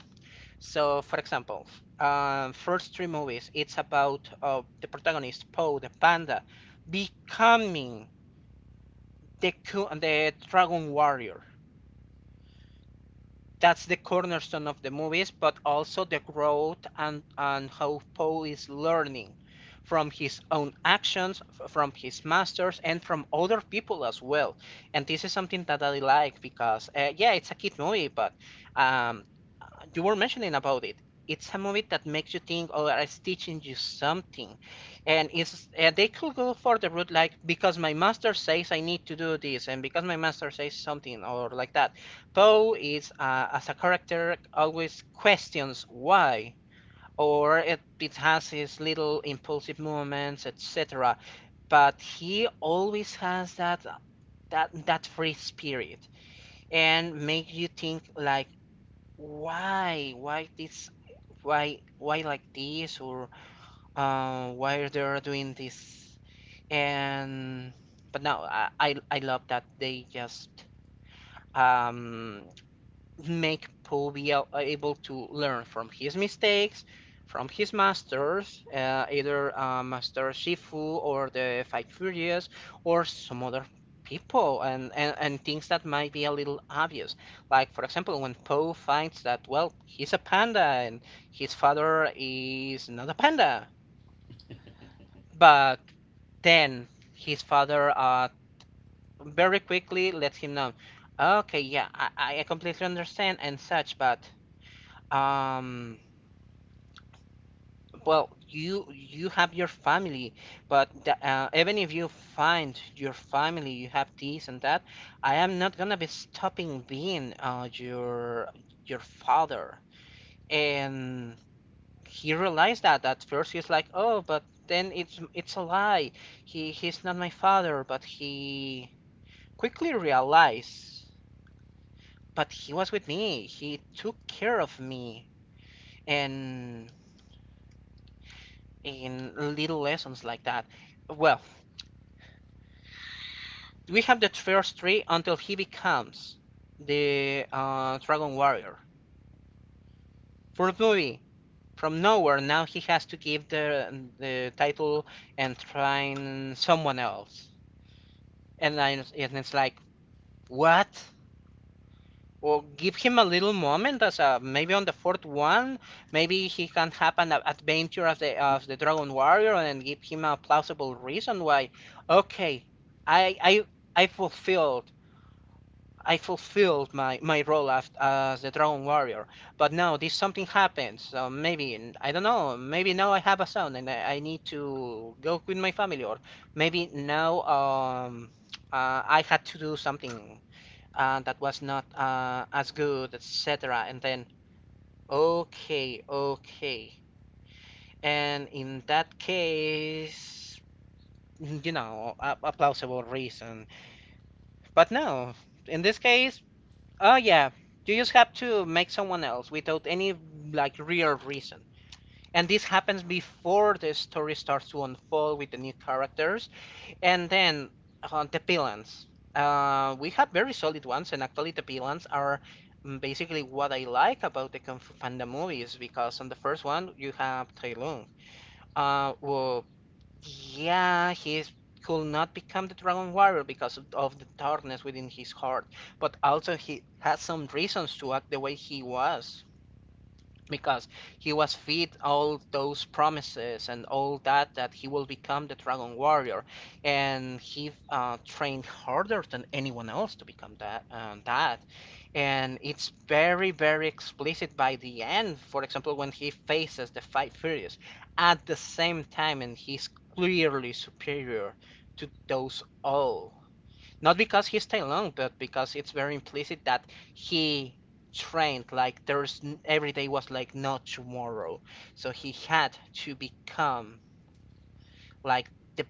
A: So, for example, first three movies, it's about the protagonist Poe the panda becoming the dragon warrior. That's the cornerstone of the movies, but also the growth and how Poe is learning from his own actions, from his masters, and from other people as well. And this is something that I like because, yeah, it's a kid movie, but um, you were mentioning about it. It's a movie that makes you think or is teaching you something. And it's they could go for the route like because my master says I need to do this and because my master says something or like that. Poe is, as a character, always questions why, or it has his little impulsive movements, etc. But he always has that that free spirit and make you think like why this, why like this, or why they're doing this. And But now I love that they just um make Poe be able to learn from his mistakes, from his masters, either Master Shifu or the Five Furious, or some other people, and things that might be a little obvious. Like, for example, when Poe finds that, well, he's a panda and his father is not a panda, but then his father, very quickly lets him know, okay, yeah, I completely understand and such, but, um, well, you have your family, but the, even if you find your family, you have this and that, I am not gonna be stopping being, your father. And he realized that at first he's like, oh, but then it's a lie. He's not my father, but he quickly realized, but he was with me. He took care of me, and. In little lessons like that. Well, we have the first three until he becomes the, Dragon Warrior. For the movie. From nowhere, now he has to give the title and train someone else. And, I, and it's like, what? Or give him a little moment as a maybe on the fourth one, maybe he can have an adventure as the Dragon Warrior and give him a plausible reason why. Okay, I I I fulfilled I fulfilled my, my role as the drone warrior. But now this something happens. So maybe I don't know. Maybe now I have a son and I need to go with my family, or maybe now, I had to do something, that was not, as good, etc. And then okay, okay. And in that case, you know, a plausible reason. But no, in this case, oh yeah, you just have to make someone else without any like real reason. And this happens before the story starts to unfold with the new characters. And then the villains. We have very solid ones, and actually the villains are, basically what I like about the Kung Fu Panda movies, because on the first one you have Tai Lung, who, yeah, could not become the Dragon Warrior because of the darkness within his heart, but also he had some reasons to act the way he was because he was fed all those promises and all that that he will become the Dragon Warrior, and he, trained harder than anyone else to become that. And it's very very explicit by the end, for example, when he faces the Five Furious at the same time and he's clearly superior to those all, not because he stayed long, but because it's very implicit that he trained like there's every day was like not tomorrow. So he had to become like the,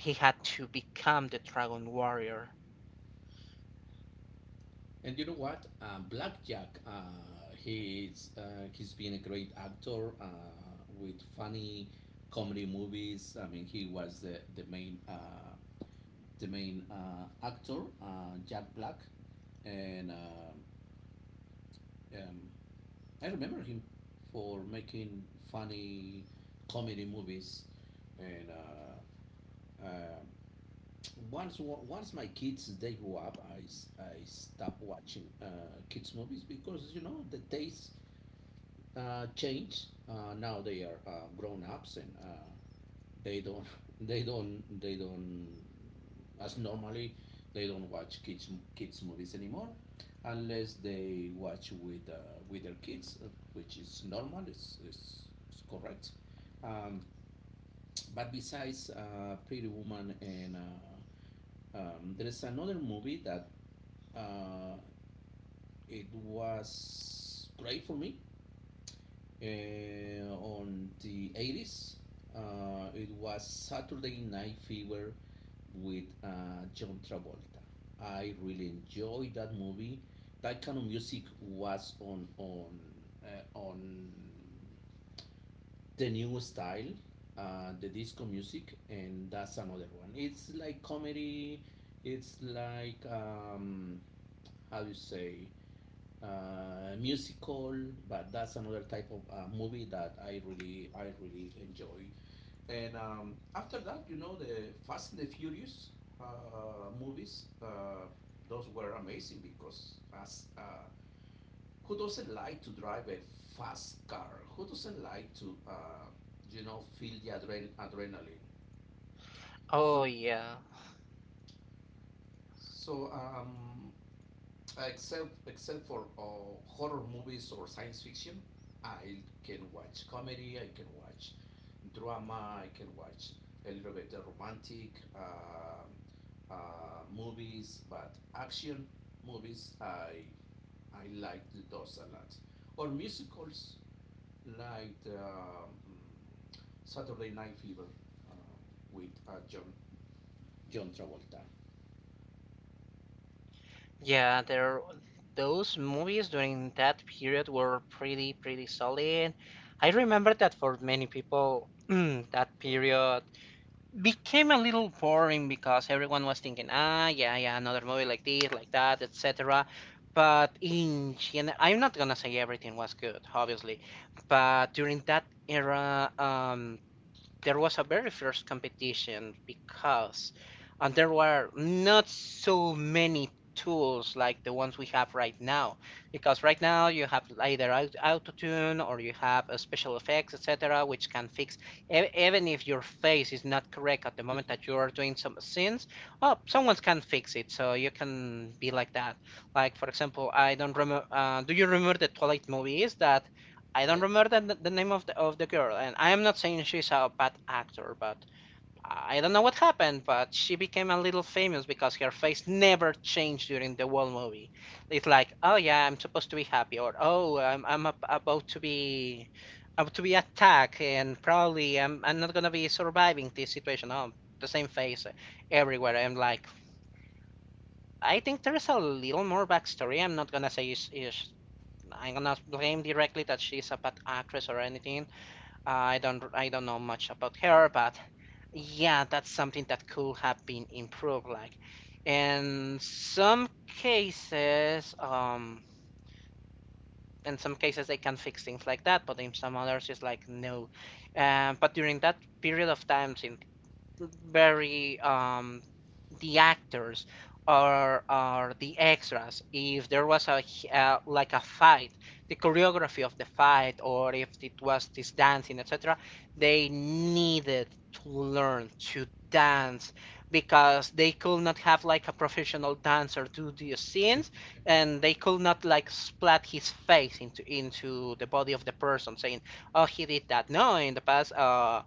A: he had to become the Dragon Warrior.
B: And you know what? Blackjack, he's been a great actor with funny comedy movies. I mean, he was the main actor, Jack Black, and um, I remember him for making funny comedy movies. And uh, once my kids they grew up, I stopped watching kids movies because you know the taste changed. Now they are grown ups, and they don't they don't as normally, they don't watch kids movies anymore, unless they watch with their kids, which is normal. It's correct. Um, but besides Pretty Woman and there is another movie that uh, it was great for me. On the 80s, it was Saturday Night Fever with John Travolta. I really enjoyed that movie. That kind of music was on the new style, the disco music, and that's another one. It's like comedy. It's like, how do you say, musical, but that's another type of movie that I really enjoy. And after that, you know, the Fast and the Furious movies, those were amazing, because as who doesn't like to drive a fast car? Who doesn't like to feel the adrenaline?
A: Oh
B: So,
A: yeah.
B: so, except for horror movies or science fiction, I can watch comedy. I can watch drama. I can watch a little bit of romantic movies, but action movies, I like those a lot. Or musicals like, Saturday Night Fever, uh, with John Travolta.
A: Yeah, there those movies during that period were pretty pretty solid. I remember that for many people that period became a little boring because everyone was thinking, ah, yeah, yeah, another movie like this, like that, etc. But in general, I'm not gonna say everything was good, obviously, but during that era, there was a very fierce competition because, and there were not so many tools like the ones we have right now, because right now you have either Tune, or you have a special effects, etc., which can fix, even if your face is not correct at the moment that you are doing some scenes, oh, someone can fix it so you can be like that. Like, for example, I don't remember, do you remember the Twilight movies that, I don't
B: Yes.
A: remember the name of the girl, and I am not saying she's a bad actor, but I don't know what happened, but she became a little famous because her face never changed during the whole movie. It's like, oh yeah, I'm supposed to be happy, or oh, about to be attacked, and probably I'm not gonna be surviving this situation. Oh, the same face everywhere. I'm like, I think there's a little more backstory. I'm not gonna say is I'm gonna blame directly that she's a bad actress or anything, I don't know much about her, but yeah, that's something that could have been improved. Like in some cases, um, in some cases they can fix things like that, but in some others it's like no. But during that period of time, since very, the actors or the extras. If there was a, like a fight, the choreography of the fight, or if it was this dancing, etc., they needed to learn to dance because they could not have like a professional dancer do the scenes, and they could not like splat his face into the body of the person saying oh he did that. No, in the past, uh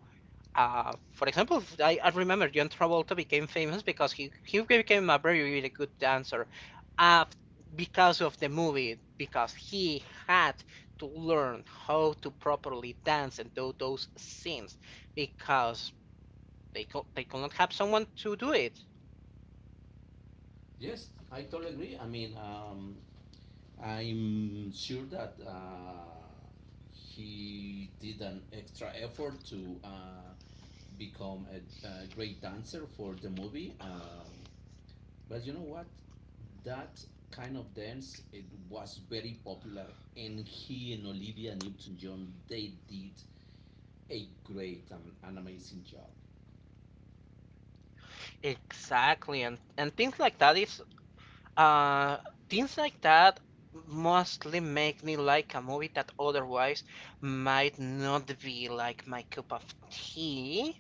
A: uh, for example, I remember John Travolta became famous because he became a very, really good dancer, uh, because of the movie, because he had to learn how to properly dance and do those scenes, because they could not have someone to do it.
B: Yes, I totally agree. I mean, I'm sure that he did an extra effort to become a great dancer for the movie. But you know what? That kind of dance it was very popular, and he and Olivia Newton-John they did a great and an amazing job.
A: Exactly, and things like that is, uh things like that mostly make me like a movie that otherwise might not be like my cup of tea.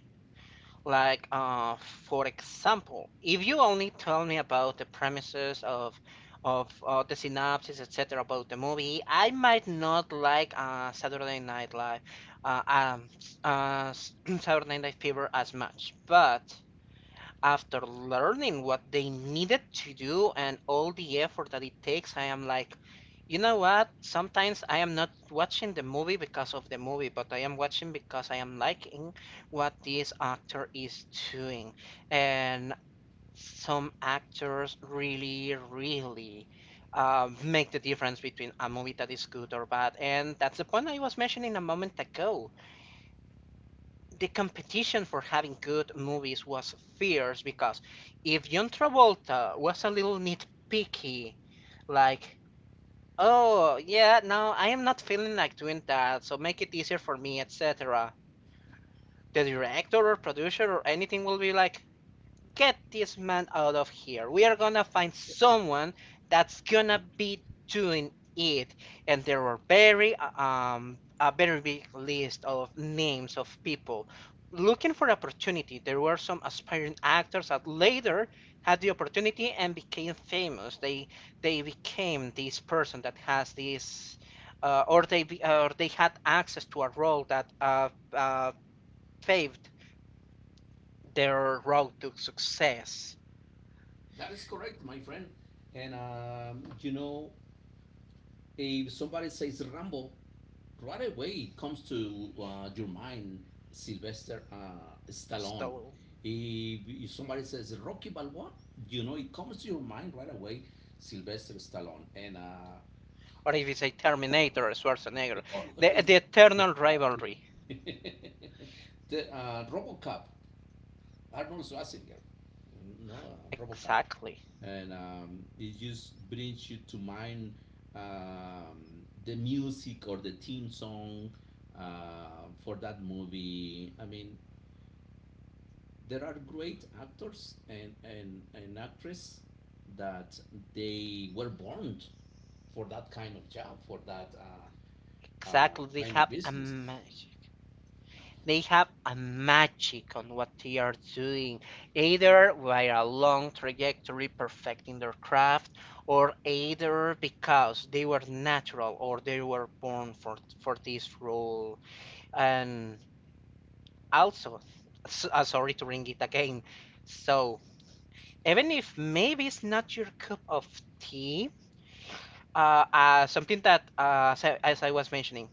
A: Like, for example, if you only tell me about the premises of, the synopsis, etc., about the movie, I might not like, Saturday Night Live, uh, um, s- uh, s- Saturday Night Fever as much. But after learning what they needed to do and all the effort that it takes, I am like, you know what? Sometimes I am not watching the movie because of the movie, but I am watching because I am liking what this actor is doing. And some actors really, really, make the difference between a movie that is good or bad. And that's the point I was mentioning a moment ago. The competition for having good movies was fierce because if John Travolta was a little nitpicky, like, oh, yeah, no, I am not feeling like doing that, so make it easier for me, etc., the director or producer or anything will be like, get this man out of here. We are gonna find someone that's gonna be doing it. And there were very a very big list of names of people looking for opportunity. There were some aspiring actors that later had the opportunity and became famous. They became this person that has this, or or they had access to a role that, paved their road to success.
B: That is correct, my friend. And you know, if somebody says Rambo, right away it comes to your mind, Sylvester Stallone.
A: Stallone.
B: He, if somebody says Rocky Balboa, you know it comes to your mind right away, Sylvester Stallone. And
A: Or if you say Terminator, Schwarzenegger.
B: it's-
A: The eternal
B: exactly.
A: rivalry.
B: The RoboCop, Arnold Schwarzenegger. You know, RoboCop.
A: Exactly.
B: And it just brings you to mind the music or the theme song for that movie. I mean, there are great actors and actresses that they were born for that kind of job, for that
A: Exactly. They
B: kind of
A: have a
B: business.
A: magic. They have a magic on what they are doing, either via a long trajectory perfecting their craft, or either because they were natural or they were born for this role. And also, sorry to bring it again, so even if maybe it's not your cup of tea, something that, as I was mentioning,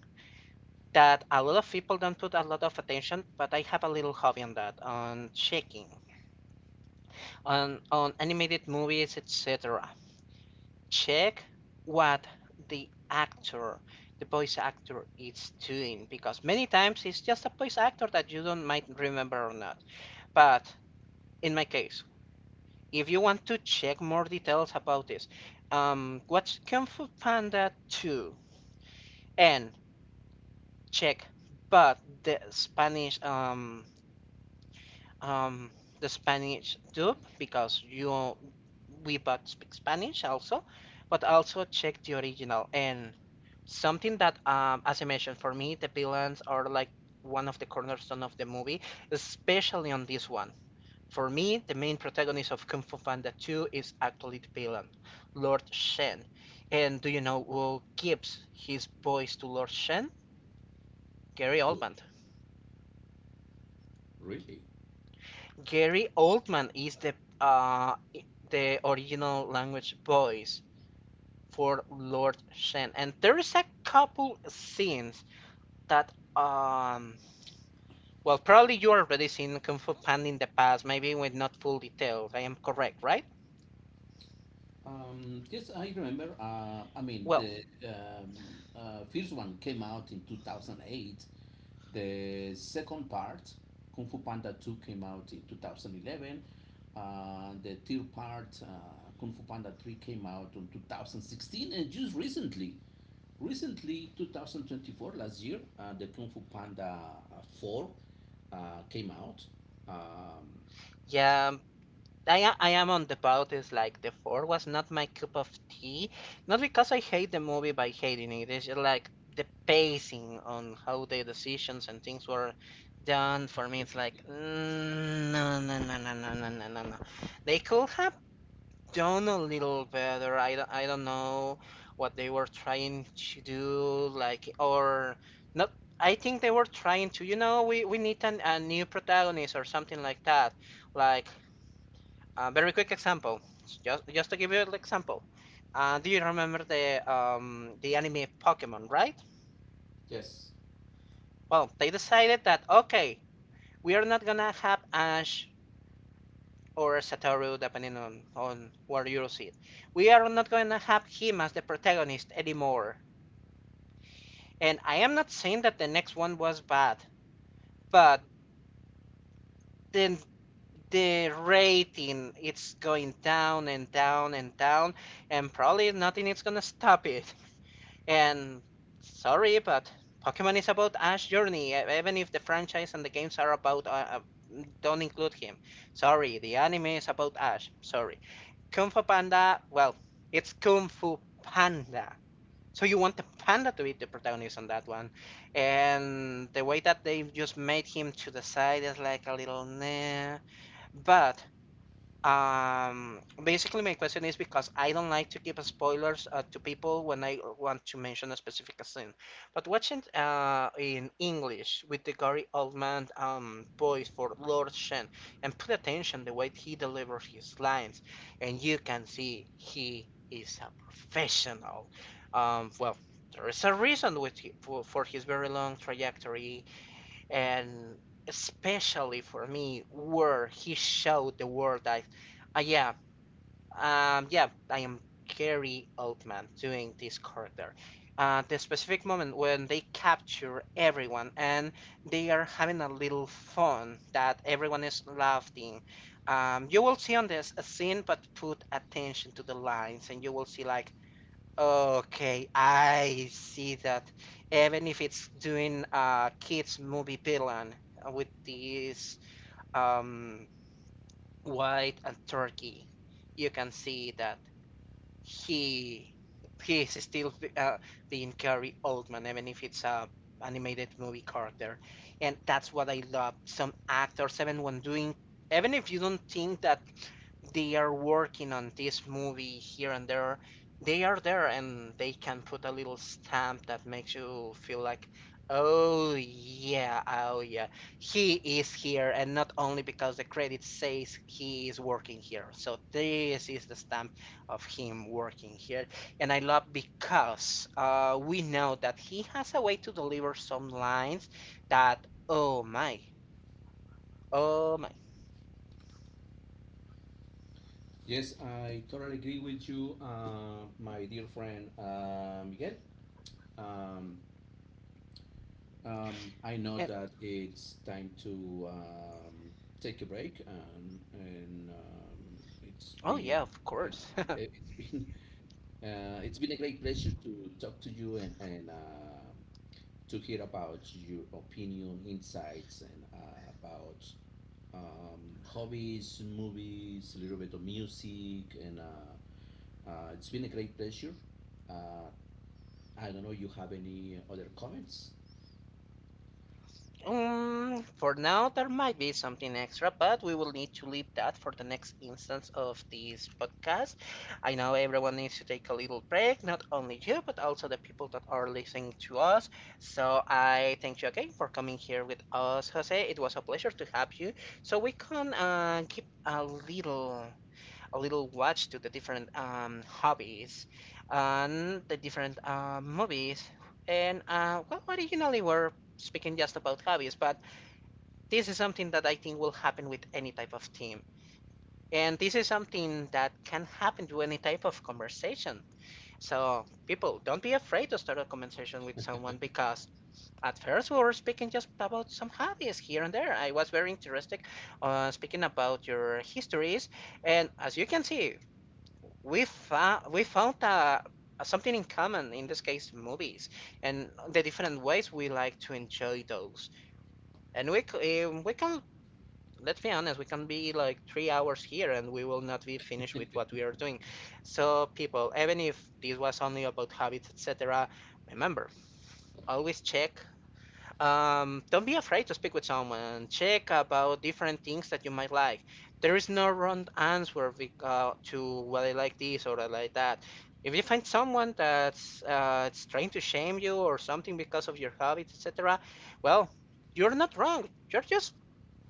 A: that a lot of people don't put a lot of attention, but I have a little hobby on that, on checking, on animated movies, etc. Check what the actor, the voice actor is doing, because many times it's just a voice actor that you don't might remember or not. But in my case, if you want to check more details about this, watch Kung Fu Panda 2 and check but the Spanish, um the Spanish dub, because you we but speak Spanish also, but also check the original. And something that, as I mentioned, for me the villains are like one of the cornerstone of the movie, especially on this one. For me, the main protagonist of Kung Fu Panda 2 is actually the villain, Lord Shen. And do you know who gives his voice to Lord Shen? Gary
B: Who
A: Oldman.
B: really?
A: Gary Oldman is the, the original language voice for Lord Shen. And there is a couple scenes that, well probably you already seen Kung Fu Panda in the past, maybe with not full details. I am correct, right?
B: Yes, I remember. I mean,
A: Well,
B: the first one came out in 2008. The second part, Kung Fu Panda 2, came out in 2011. The third part, Kung Fu Panda 3, came out in 2016. And just recently, 2024, last year, the Kung Fu Panda 4 came out. Um,
A: yeah, I am on the boat is like the four was not my cup of tea. Not because I hate the movie by hating it. It's just like the pacing on how the decisions and things were done for me. It's like no no no no no no no no no. They could have done a little better. I don't know what they were trying to do. Like or not. I think they were trying to, we need a new protagonist or something like that. Like a very quick example, just to give you an example. Do you remember the anime Pokemon, right?
B: yes.
A: Well, they decided that okay, we are not gonna have Ash or Satoru, depending on where you see it. We are not gonna have him as the protagonist anymore. And I am not saying that the next one was bad, but then the rating it's going down and down and down, and probably nothing is gonna stop it. And sorry, but Pokemon is about Ash's journey, even if the franchise and the games are about. Don't include him. Sorry, the anime is about Ash. Sorry. Kung Fu Panda, well, it's Kung Fu Panda. So you want the panda to be the protagonist on that one. And the way that they've just made him to the side is like a little nah. But basically, my question is because I don't like to give spoilers to people when I want to mention a specific scene. But watching in English with the Gary Oldman voice for Lord Shen, and put attention the way he delivers his lines, and you can see he is a professional. Well, there is a reason with for his very long trajectory and especially for me where he showed the world that yeah, yeah, I am Gary Oldman doing this character. The specific moment when they capture everyone and they are having a little fun that everyone is laughing, you will see on this a scene but put attention to the lines and you will see like okay, I see that. Even if it's doing a kids movie villain with this um white and turkey, you can see that he he is still being Gary Oldman, even if it's a animated movie character, and that's what I love. Some actors, even when doing, even if you don't think that they are working on this movie here and there, they are there and they can put a little stamp that makes you feel like, oh yeah, oh yeah, he is here, and not only because the credit says he is working here. So this is the stamp of him working here, and I love because we know that he has a way to deliver some lines that, oh my, oh my,
B: Yes, I totally agree with you, my dear friend, Miguel. Um, I know
A: and
B: that it's time to take a break, and
A: oh yeah, of course.
B: it's been it's been a great pleasure to talk to you and to hear about your opinion, insights, and about hobbies, movies, a little bit of music, and. It's been a great pleasure. Uh, I don't know you have any other comments.
A: For now, there might be something extra, but we will need to leave that for the next instance of this podcast. I know everyone needs to take a little break, not only you, but also the people that are listening to us. So I thank you again for coming here with us, Jose. It was a pleasure to have you. So we can keep a little watch to the different hobbies and the different movies. And well, originally we're speaking just about hobbies, but this is something that I think will happen with any type of team. And this is something that can happen to any type of conversation. So, people, don't be afraid to start a conversation with someone because at first we were speaking just about some hobbies here and there. I was very interested speaking about your histories, and as you can see, we found something in common, in this case movies and the different ways we like to enjoy those. And we can, let's be honest, we can be like 3 hours here and we will not be finished with what we are doing. So people, even if this was only about habits, etc., remember always check, don't be afraid to speak with someone. Check about different things that you might like. There is no wrong answer to, well, I like this or I like that. If you find someone that's it's trying to shame you or something because of your hobbies, etc., well, you're not wrong. You're just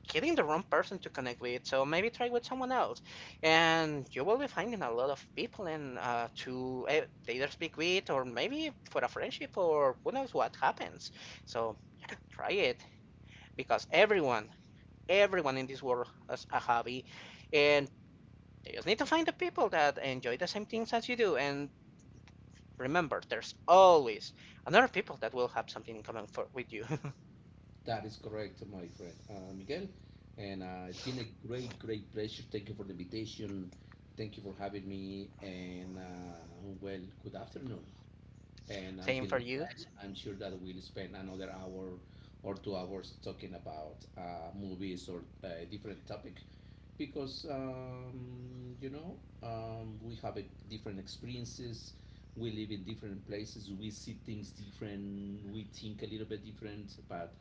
A: getting the wrong person to connect with. So maybe try with someone else, and you will be finding a lot of people and either speak with or maybe for a friendship or who knows what happens. So yeah, try it because everyone, everyone in this world has a hobby, and you just need to find the people that enjoy the same things as you do. And remember, there's always another people that will have something in common with you.
B: That is correct, my friend, Miguel. And it's been a great, great pleasure. Thank you for the invitation. Thank you for having me. And well, good afternoon. And
A: Same
B: until
A: for
B: next
A: you.
B: time, I'm sure that we'll spend another hour or 2 hours talking about movies or a different topic, because you know, we have a different experiences, we live in different places, we see things different, we think a little bit different, but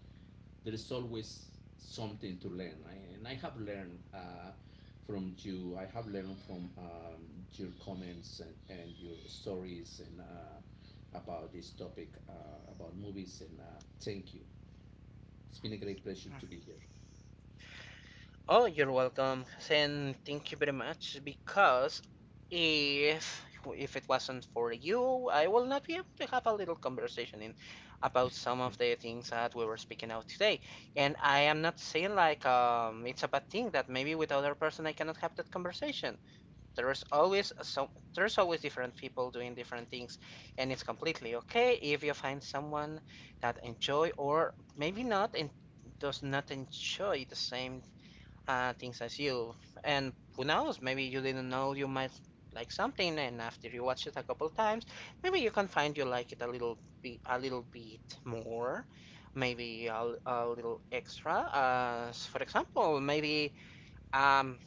B: there is always something to learn. And I have learned from you. I have learned from your comments and your stories and about this topic, about movies. And Thank you. It's been a great pleasure to be here.
A: Oh, you're welcome, and thank you very much. Because if it wasn't for you, I will not be able to have a little conversation in about some of the things that we were speaking out today. And I am not saying like it's a bad thing that maybe with other person I cannot have that conversation. There is always some there's always different people doing different things, and it's completely okay if you find someone that enjoy or maybe not and does not enjoy the same things as you. And who knows, maybe you didn't know you might like something, and after you watch it a couple times, maybe you can find you like it a little bit more, maybe a little extra. For example, maybe um,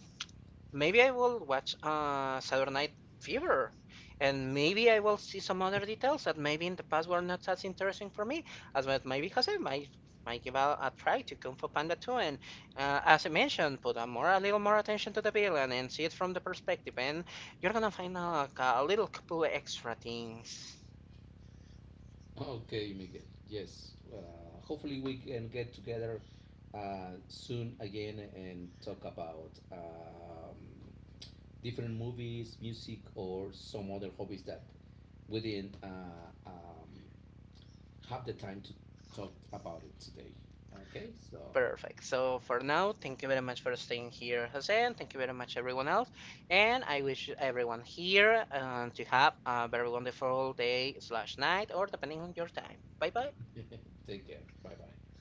A: maybe I will watch Saturday Night Fever, and maybe I will see some other details that maybe in the past were not as interesting for me as well, maybe Jose might give a try to Kung Fu Panda 2, and as I mentioned, put a little more attention to the villain and see it from the perspective, and you're gonna find out a little couple extra things.
B: Okay, Miguel. Yes. Hopefully, we can get together soon again and talk about different movies, music, or some other hobbies that we didn't have the time to talk about it today. Okay, so
A: Perfect. So for now, thank you very much for staying here, Jose, and thank you very much everyone else. And I wish everyone here to have a very wonderful day slash night, or depending on your time. Bye bye.
B: take care. Bye bye.